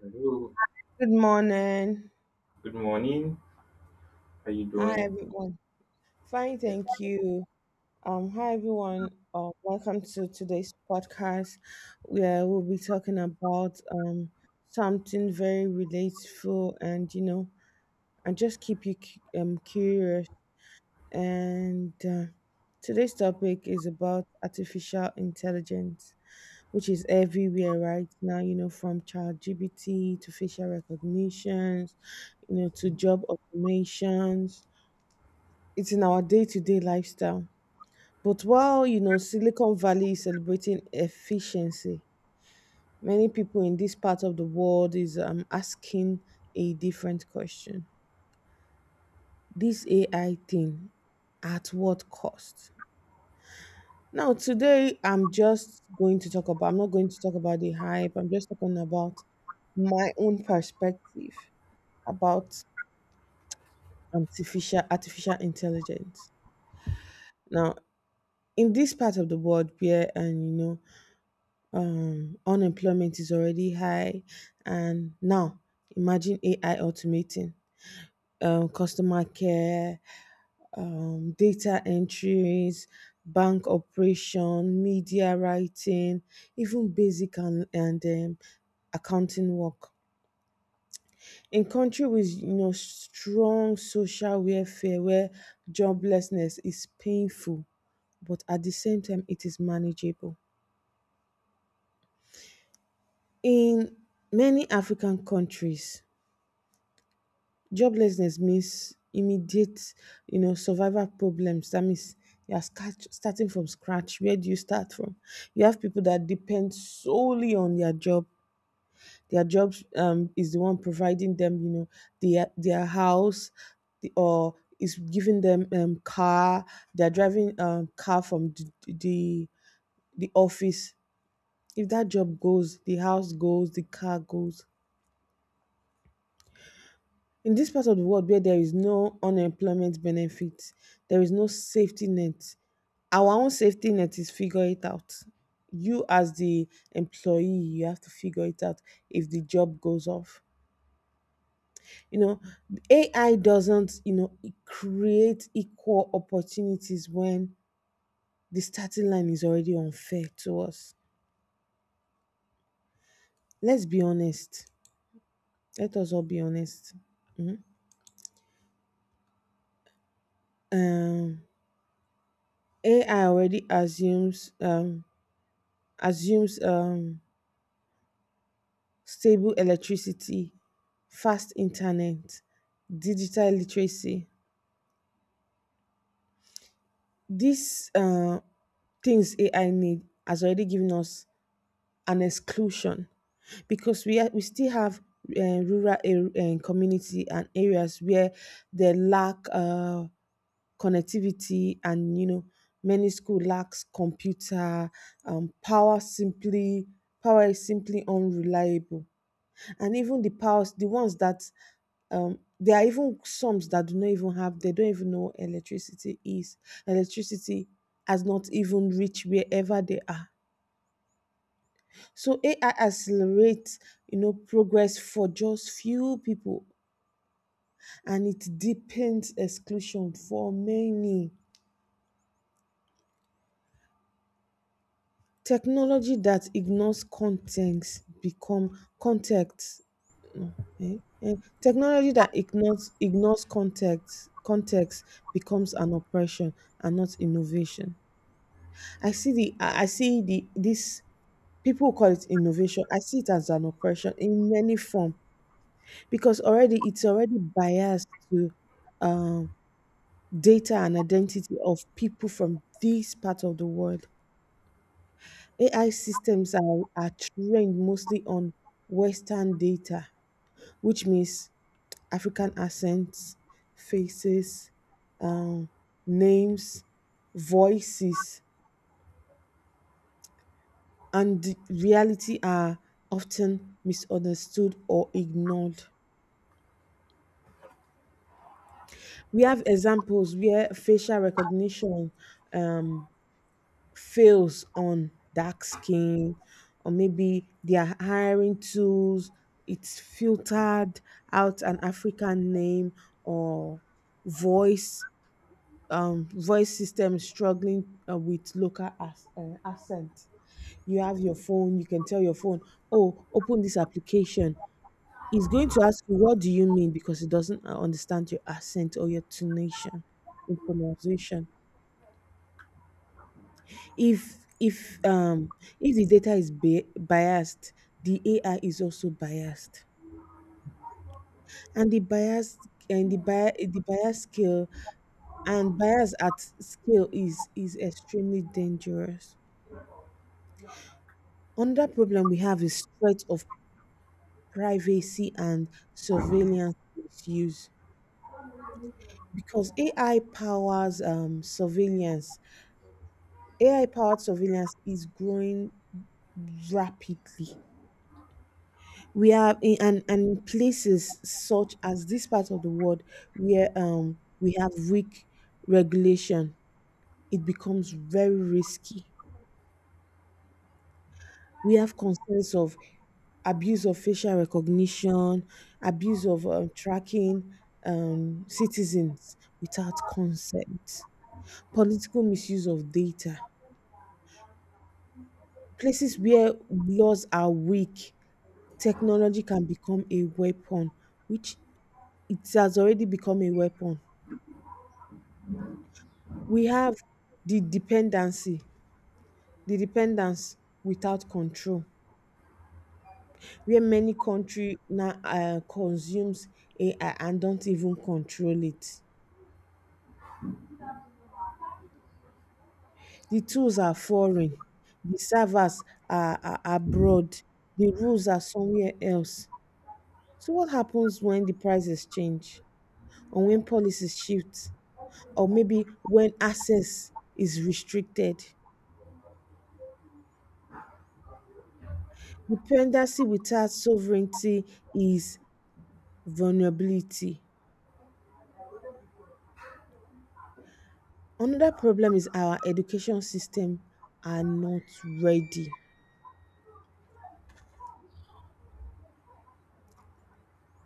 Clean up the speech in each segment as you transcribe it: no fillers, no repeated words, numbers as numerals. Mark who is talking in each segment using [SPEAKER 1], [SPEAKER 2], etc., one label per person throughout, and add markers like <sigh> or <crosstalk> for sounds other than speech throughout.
[SPEAKER 1] Hello,
[SPEAKER 2] Good morning.
[SPEAKER 1] good morning. How you
[SPEAKER 2] Hi,
[SPEAKER 1] doing?
[SPEAKER 2] everyone. Fine,
[SPEAKER 1] Yeah,
[SPEAKER 2] thank you. Hi, everyone. Welcome to today's podcast, where we'll be talking about something very relatable, and just keep you curious. And Today's topic is about artificial intelligence, which is everywhere right now. You know, from ChatGPT to facial recognitions, you know, to job automations. It's in our day-to-day lifestyle. But while Silicon Valley is celebrating efficiency, many people in this part of the world is asking a different question. This AI thing, at what cost? Now today I'm just going to talk about I'm not going to talk about the hype. I'm just talking about my own perspective about artificial intelligence. Now in this part of the world where and you know unemployment is already high, and now imagine AI automating customer care, data entries, bank operation, media writing, even basic and accounting work. In country with strong social welfare where joblessness is painful, but at the same time it is manageable. In many African countries, joblessness means immediate, you know, survival problems. That means you're starting from scratch. Where do you start from? You have people that depend solely on their job. Their job is the one providing them, you know, their house, or is giving them car. They're driving car from the office. If that job goes, the house goes, the car goes. In this part of the world where there is no unemployment benefit, there is no safety net. Our own safety net is figure it out. You as the employee, you have to figure it out if the job goes off. You know, AI doesn't, you know, create equal opportunities when the starting line is already unfair to us. Let's be honest. Let us all be honest. Um, AI already assumes assumes um, stable electricity, fast internet, digital literacy. These things AI need has already given us an exclusion because we still have uh, rural community and areas where they lack connectivity, and you know many school lacks computer um, power is simply unreliable, and even the powers the ones that there are even some that do not even have, they don't even know electricity is. Electricity has not even reached wherever they are. So AI accelerates, you know, progress for just few people, and it deepens exclusion for many. Technology that ignores context become context. No, eh? Eh, Technology that ignores context becomes an oppression and not innovation. I see the this people call it innovation. I see it as an oppression in many form, because already it's already biased to um, data and identity of people from this part of the world. AI systems are trained mostly on Western data, which means African accents, faces, um, names, voices and the reality are often misunderstood or ignored. We have examples where facial recognition um, fails on dark skin, or maybe they are hiring tools, it's filtered out an African name or voice, voice system struggling with local accent. You have your phone, you can tell your phone, oh, open this application. He's going to ask you, what do you mean? Because he doesn't understand your accent or your tonation in pronunciation. If if um if the data is biased, the AI is also biased, and the bias and the bias scale and bias at scale is extremely dangerous. Another problem we have is threat of privacy and surveillance misuse, because AI powers um, surveillance AI-powered surveillance is growing rapidly. We are in and places such as this part of the world where we have weak regulation, it becomes very risky. We have concerns of abuse of facial recognition, abuse of tracking citizens without consent, political misuse of data. Places where laws are weak technology can become a weapon, which it has already become a weapon. We have the dependency, the dependence without control, where many country now consumes AI and don't even control it. The tools are foreign, the servers are abroad, the rules are somewhere else. So what happens when the prices change, or when policies shift, or maybe when access is restricted? Dependency without sovereignty is vulnerability. Another problem is our education system are not ready,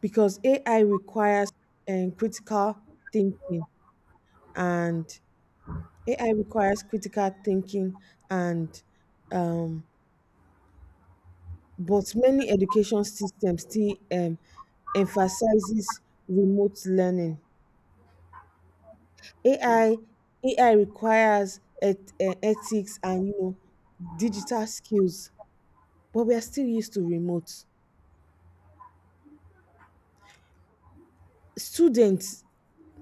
[SPEAKER 2] because AI requires critical thinking, and AI requires critical thinking and um, but many education systems still emphasizes remote learning. AI AI requires ethics, and you know, digital skills, but we are still used to remote. Students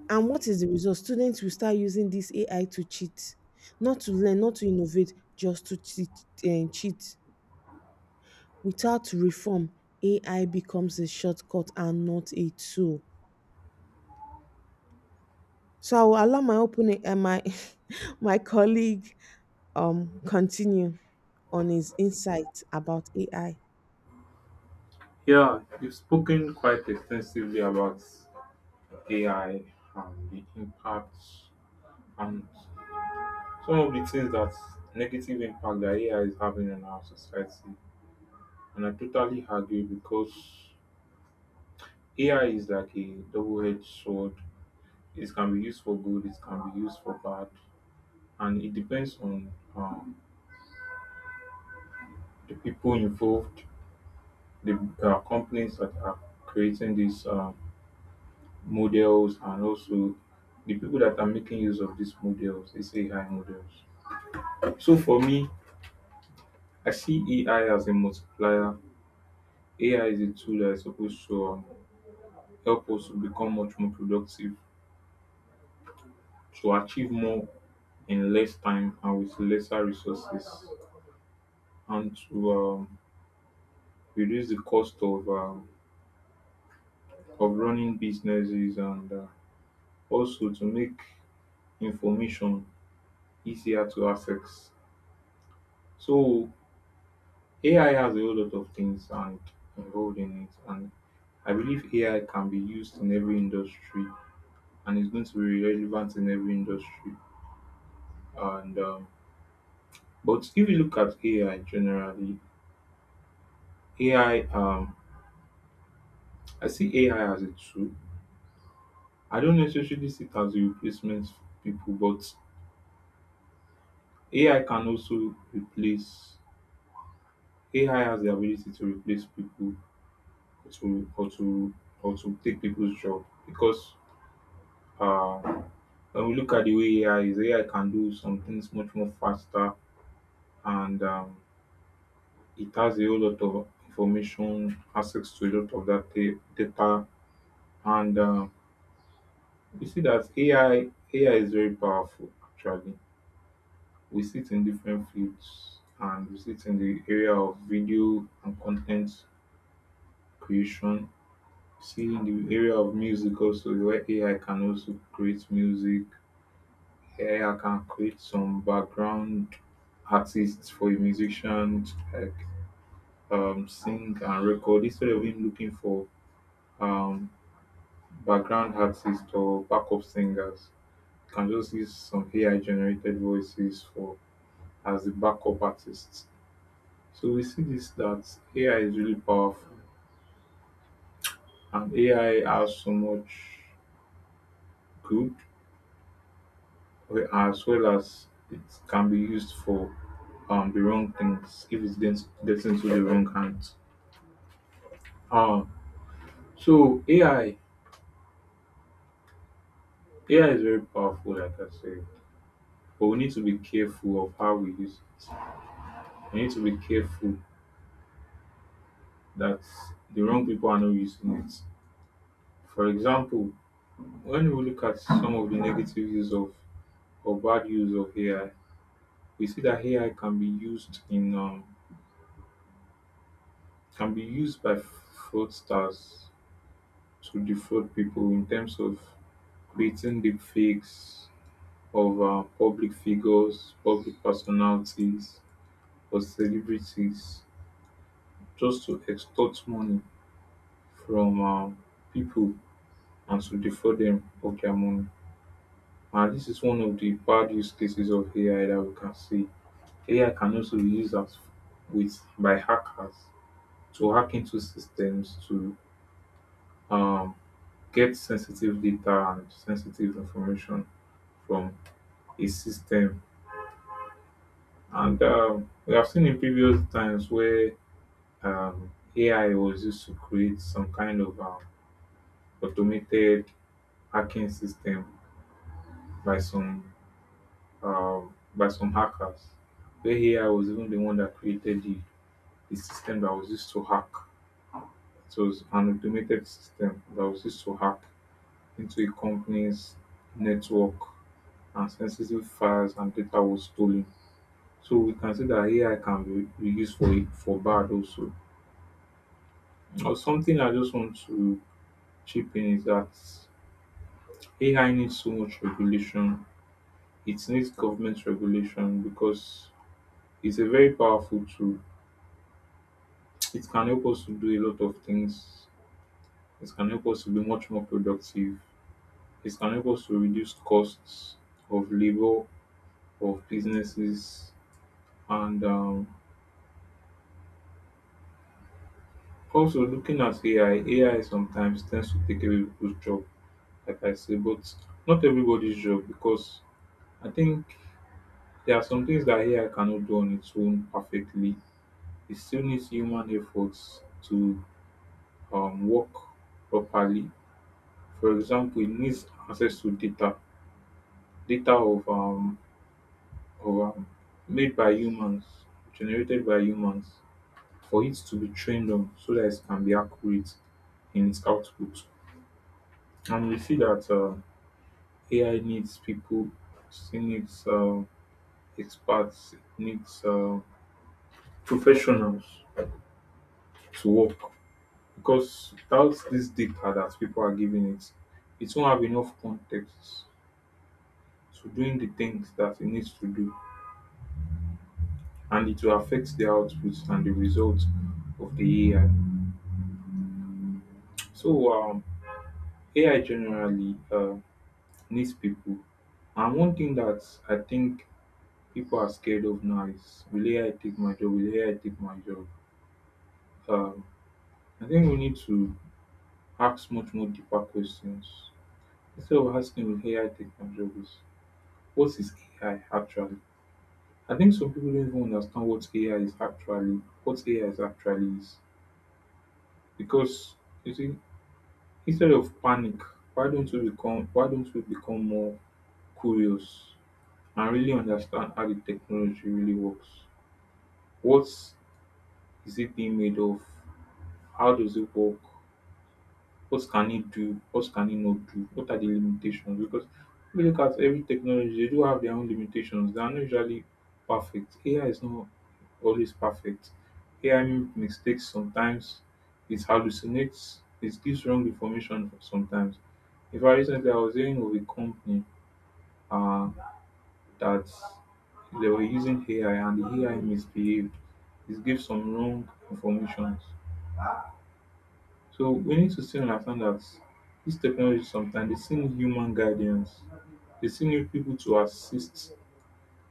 [SPEAKER 2] and What is the result? Students will start using this AI to cheat, not to learn, not to innovate, just to cheat and cheat. Without reform, AI becomes a shortcut and not a tool. So I will allow my opening and my <laughs> my colleague continue on his insight about AI.
[SPEAKER 1] yeah, you've spoken quite extensively about AI and the impact and some of the things that negative impact that AI is having on our society. And I totally agree because AI is like a double-edged sword. It can be used for good, it can be used for bad, and it depends on the people involved, the companies that are creating this. Models and also the people that are making use of these models, they AI models. So for me, I see AI as a multiplier. AI is a tool that is supposed to help us to become much more productive, to achieve more in less time and with lesser resources, and to reduce the cost of running businesses and also to make information easier to access. So AI has a whole lot of things and involved in it, and I believe AI can be used in every industry and it's going to be relevant in every industry. And but if you look at AI generally, AI um, I see AI as a tool. I don't necessarily see it as a replacement for people, but AI can also replace. AI has the ability to replace people or to or to or to take people's job because. Uh, when we look at the way AI is, AI can do some things much more faster and it has a whole lot of information, access to a lot of that data. And we see that AI is very powerful actually. We see it in different fields and we see it in the area of video and content creation. See in the area of music also where AI can also create music. Here I can create some background artists for a musician to sing and record instead of him looking for um, background artists or backup singers. You can just use some AI generated voices for as the backup artists. So we see this that AI is really powerful and AI has so much good as well as it can be used for the wrong things if it's gets into the wrong hands. Um, so AI is very powerful, like I said, but we need to be careful of how we use it. We need to be careful that the wrong people are not using it. For example, when we look at some of the negative use of or bad use of AI, we see that AI can be used in can be used by fraudsters to defraud people in terms of creating deep fakes of public figures, public personalities for celebrities just to extort money from people and to defraud them of their money. And this is one of the bad use cases of AI that we can see. AI can also be used as with by hackers to hack into systems to um, get sensitive data and sensitive information from a system. And we have seen in previous times where AI was used to create some kind of automated hacking system by some hackers. Where here I was even the one that created the system that was used to hack. So it was an automated system that was used to hack into a company's network and sensitive files and data was stolen. So we can see that AI can be used for bad also. Now something I just want to chip in is that AI needs so much regulation. It needs government regulation because it's a very powerful tool. It can help us to do a lot of things. It can help us to be much more productive. It can help us to reduce costs of labor, of businesses, and also looking at AI. AI sometimes tends to take away people's job, like I say, but not everybody's job because I think there are some things that AI cannot do on its own perfectly. It still needs human efforts to work properly. For example, it needs access to data, data of of um, made by humans, generated by humans, for it to be trained on, so that it can be accurate in its output. And we see that AI needs people, it needs experts, it needs professionals to work because without this data that people are giving it, it won't have enough context to doing the things that it needs to do and it will affect the output and the results of the AI. So AI generally needs people. And one thing that I think people are scared of now is will AI take my job? Will AI take my job? Um, I think we need to ask much more deeper questions. Instead of asking will AI take my job is what is AI actually? I think some people don't even understand what AI is actually is. Because you see, instead of panic, why don't we become more curious and really understand how the technology really works? What is it being made of? How does it work? What can it do? What can it not do? What are the limitations? Because we look at every technology, they do have their own limitations. They are not usually perfect. AI is not always perfect. AI makes mistakes sometimes. It hallucinates. It gives wrong information sometimes. If I Recently I was hearing of a company uh, that they were using AI and the AI misbehaved. It gave some wrong information. So we need to still understand that this technology sometimes they still need human guidance. They still need people to assist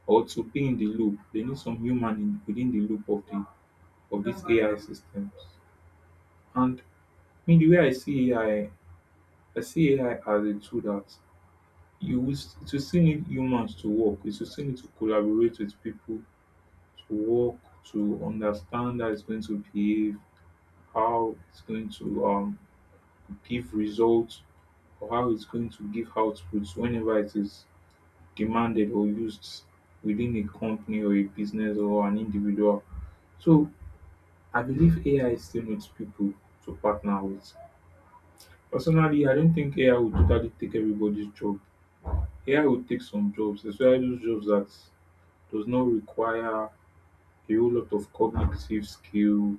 [SPEAKER 1] or to be in the loop. They need some human within the loop of the of these AI systems. And I mean the way I see AI, I see AI as a tool that it will still need humans to work. It will still need to collaborate with people to work to understand how it's going to behave, how it's going to give results or how it's going to give outputs whenever it is demanded or used within a company or a business or an individual. So I believe AI still needs people to partner with. Personally, I don't think AI will totally take everybody's job. AI will take some jobs, especially those jobs that does not require a whole lot of cognitive skill,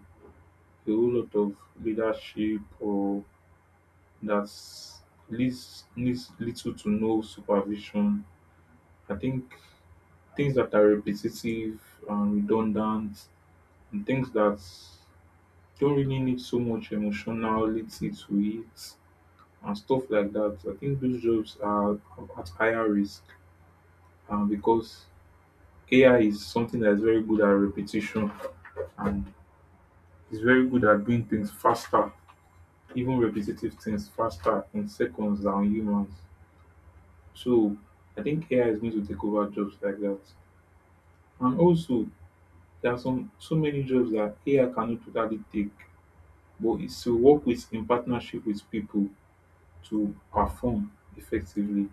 [SPEAKER 1] a whole lot of leadership, or that needs little to no supervision. I think things that are repetitive and redundant and things that don't really need so much emotionality to it and stuff like that. I think those jobs are at higher risk because AI is something that is very good at repetition and is very good at doing things faster, even repetitive things faster in seconds than humans. So I think AI is going to take over jobs like that. And also, there are some so many jobs that AI cannot totally take but is to work with in partnership with people to perform effectively.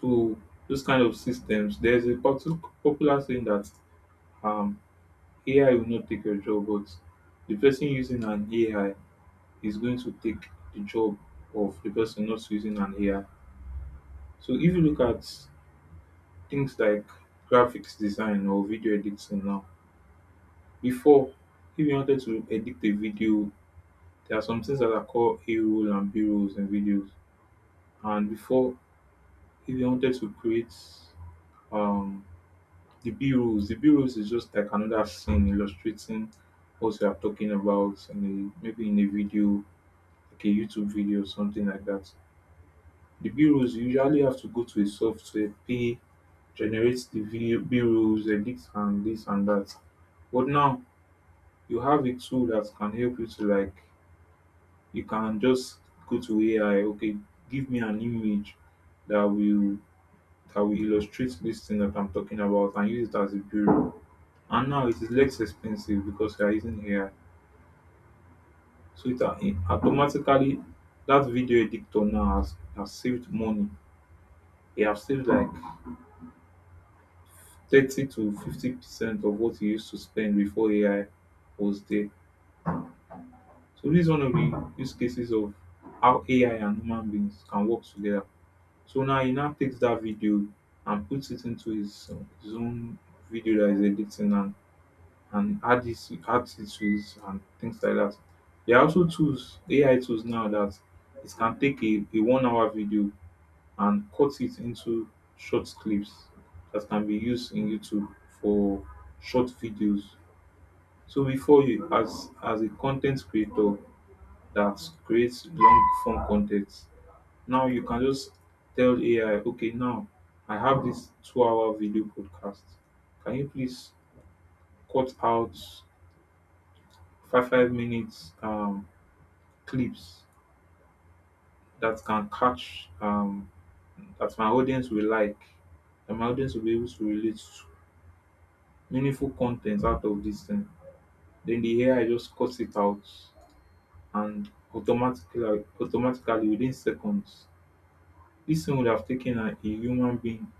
[SPEAKER 1] So those kind of systems, there's a popular saying that um, AI will not take your job, but the person using an AI is going to take the job of the person not using an AI. So if you look at things like graphics design or video editing now, before if you wanted to edit a video, there are some things that are called A roll and B rolls in videos. And before, if they wanted to create um, the B rules is just like another scene illustrating what we are talking about, maybe in a video, like a YouTube video or something like that. The B rules you usually have to go to a software, pay, generate the video B rules, edit and this and that. But now you have a tool that can help you to like you can just go to AI, okay, give me an image that will illustrate this thing that I'm talking about and use it as a bureau. And now it is less expensive because we are using AI. So it, it automatically that video editor now has saved money. They have saved like 30 to 50% of what you used to spend before AI was there. So this is one of the use cases of how AI and human beings can work together. So now he now takes that video and puts it into his own video that is editing and add this add tools and things like that. There are also tools, AI tools now that it can take a 1 hour video and cut it into short clips that can be used in YouTube for short videos. So before you as a content creator that creates long form content, now you can just tell AI, okay, now I have this 2 hour video podcast. Can you please cut out five minutes clips that can catch that my audience will like, that my audience will be able to relate to, meaningful content out of this thing. Then the ai just cuts it out and automatically within seconds. This thing would have taken a human being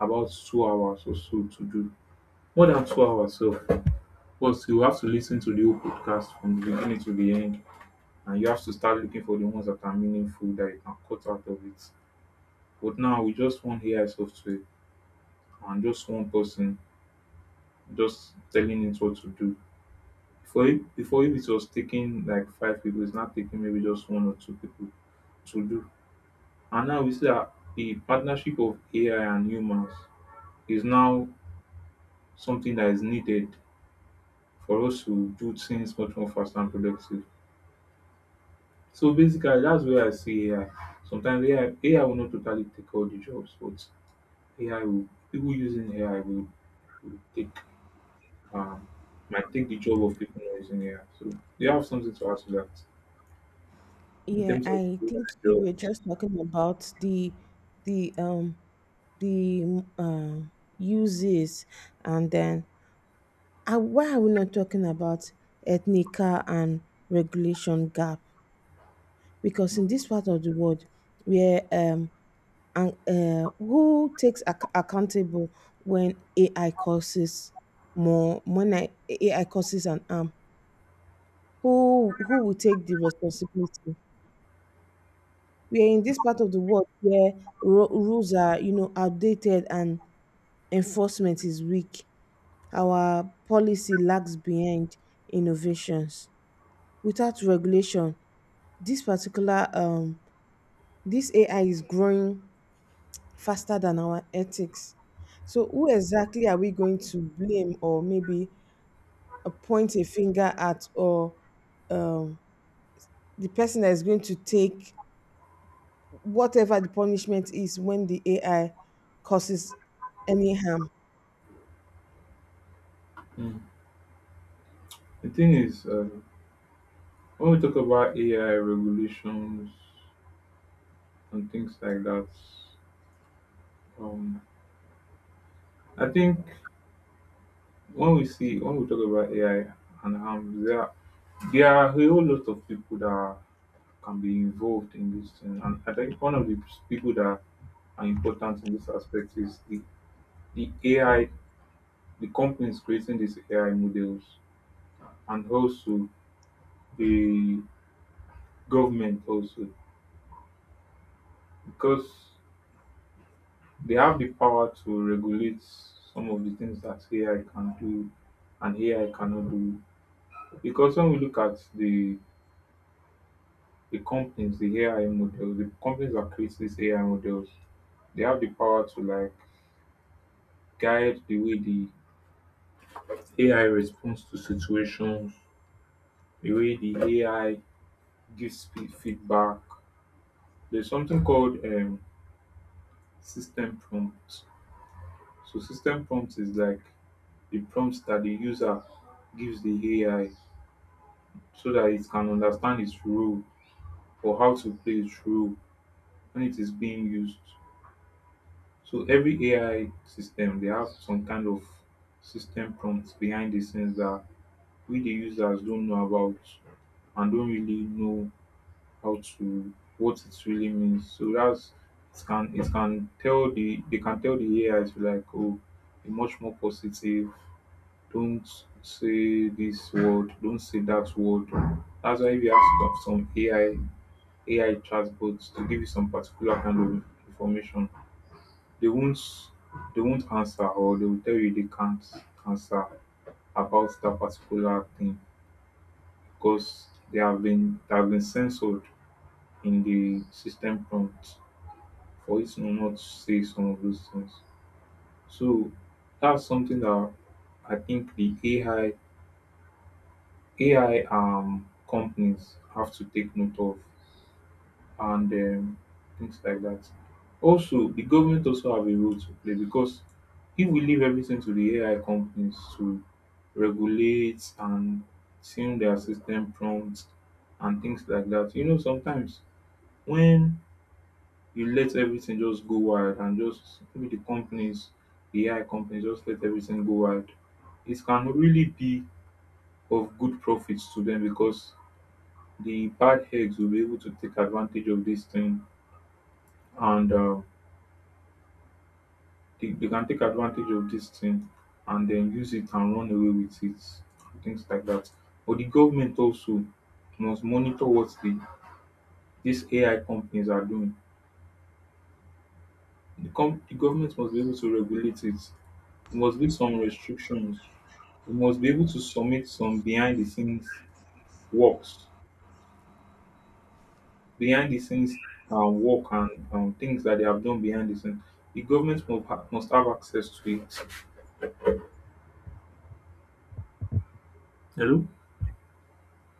[SPEAKER 1] about 2 hours or so to do, more than 2 hours. So first you have to listen to the whole podcast from the beginning to the end, and you have to start looking for the ones that are meaningful that you can cut out of it. But now we just one AI software and just one person just telling it what to do. Before if it was taking like 5 people, it's now taking maybe just one or 2 people to do. And now we see that the partnership of AI and humans is now something that is needed for us to do things much more fast and productive. So basically that's where I see AI. Sometimes AI will not totally take all the jobs, but AI will, people using AI will take, um, might take the job of people not using AI. So they have something to add to that in
[SPEAKER 2] Yeah,
[SPEAKER 1] terms of
[SPEAKER 2] I
[SPEAKER 1] AI
[SPEAKER 2] think you were
[SPEAKER 1] jobs.
[SPEAKER 2] just talking about the um the uses, and then why are we not talking about ethnical and regulation gap? Because in this part of the world, where and who takes accountable when AI causes more when I, AI causes an harm? Who will take the responsibility? We are in this part of the world where rules are, you know, outdated and enforcement is weak. Our policy lags behind innovations. Without regulation, this particular um this AI is growing faster than our ethics. So who exactly are we going to blame, or maybe point a finger at, or um, the person that is going to take whatever the punishment is when the AI causes any harm.
[SPEAKER 1] Mm. The thing is, when we talk about AI regulations and things like that, um, I think when we talk about AI and harm, there are a whole lot of people that can be involved in this thing. And I think one of the people that are important in this aspect is the AI, the companies creating these AI models, and also the government also, because they have the power to regulate some of the things that AI can do and AI cannot do. Because when we look at the companies, the AI models, the companies that create these AI models, they have the power to like guide the way the AI responds to situations, the way the AI gives feedback. There's something called system prompt. So system prompt is like the prompts that the user gives the AI so that it can understand its role, or how to play its role when it is being used. So every AI system, they have some kind of system prompts behind the scenes that we the users don't know about and don't really know how to, what it really means. So that's, it can tell the they can tell the AI to like, oh, be much more positive. Don't say this word, don't say that word. That's why if you ask of some AI chatbots to give you some particular kind of information, they won't, they won't answer, or they will tell you they can't answer about that particular thing because they have been censored in the system prompt for it to not say some of those things. So that's something that I think the AI companies have to take note of and things like that. Also, the government also have a role to play, because if we leave everything to the AI companies to regulate and tune their system prompts and things like that, you know, sometimes when you let everything just go wild, and just maybe the companies, the AI companies just let everything go wild, it can really be of good profits to them because the bad eggs will be able to take advantage of this thing and they can take advantage of this thing and then use it and run away with it, things like that. But the government also must monitor what the these ai companies are doing. The government must be able to regulate it. There must be some restrictions. We must be able to submit some behind the scenes works, behind the scenes work, and things that they have done behind the scenes, the government must must have access to it.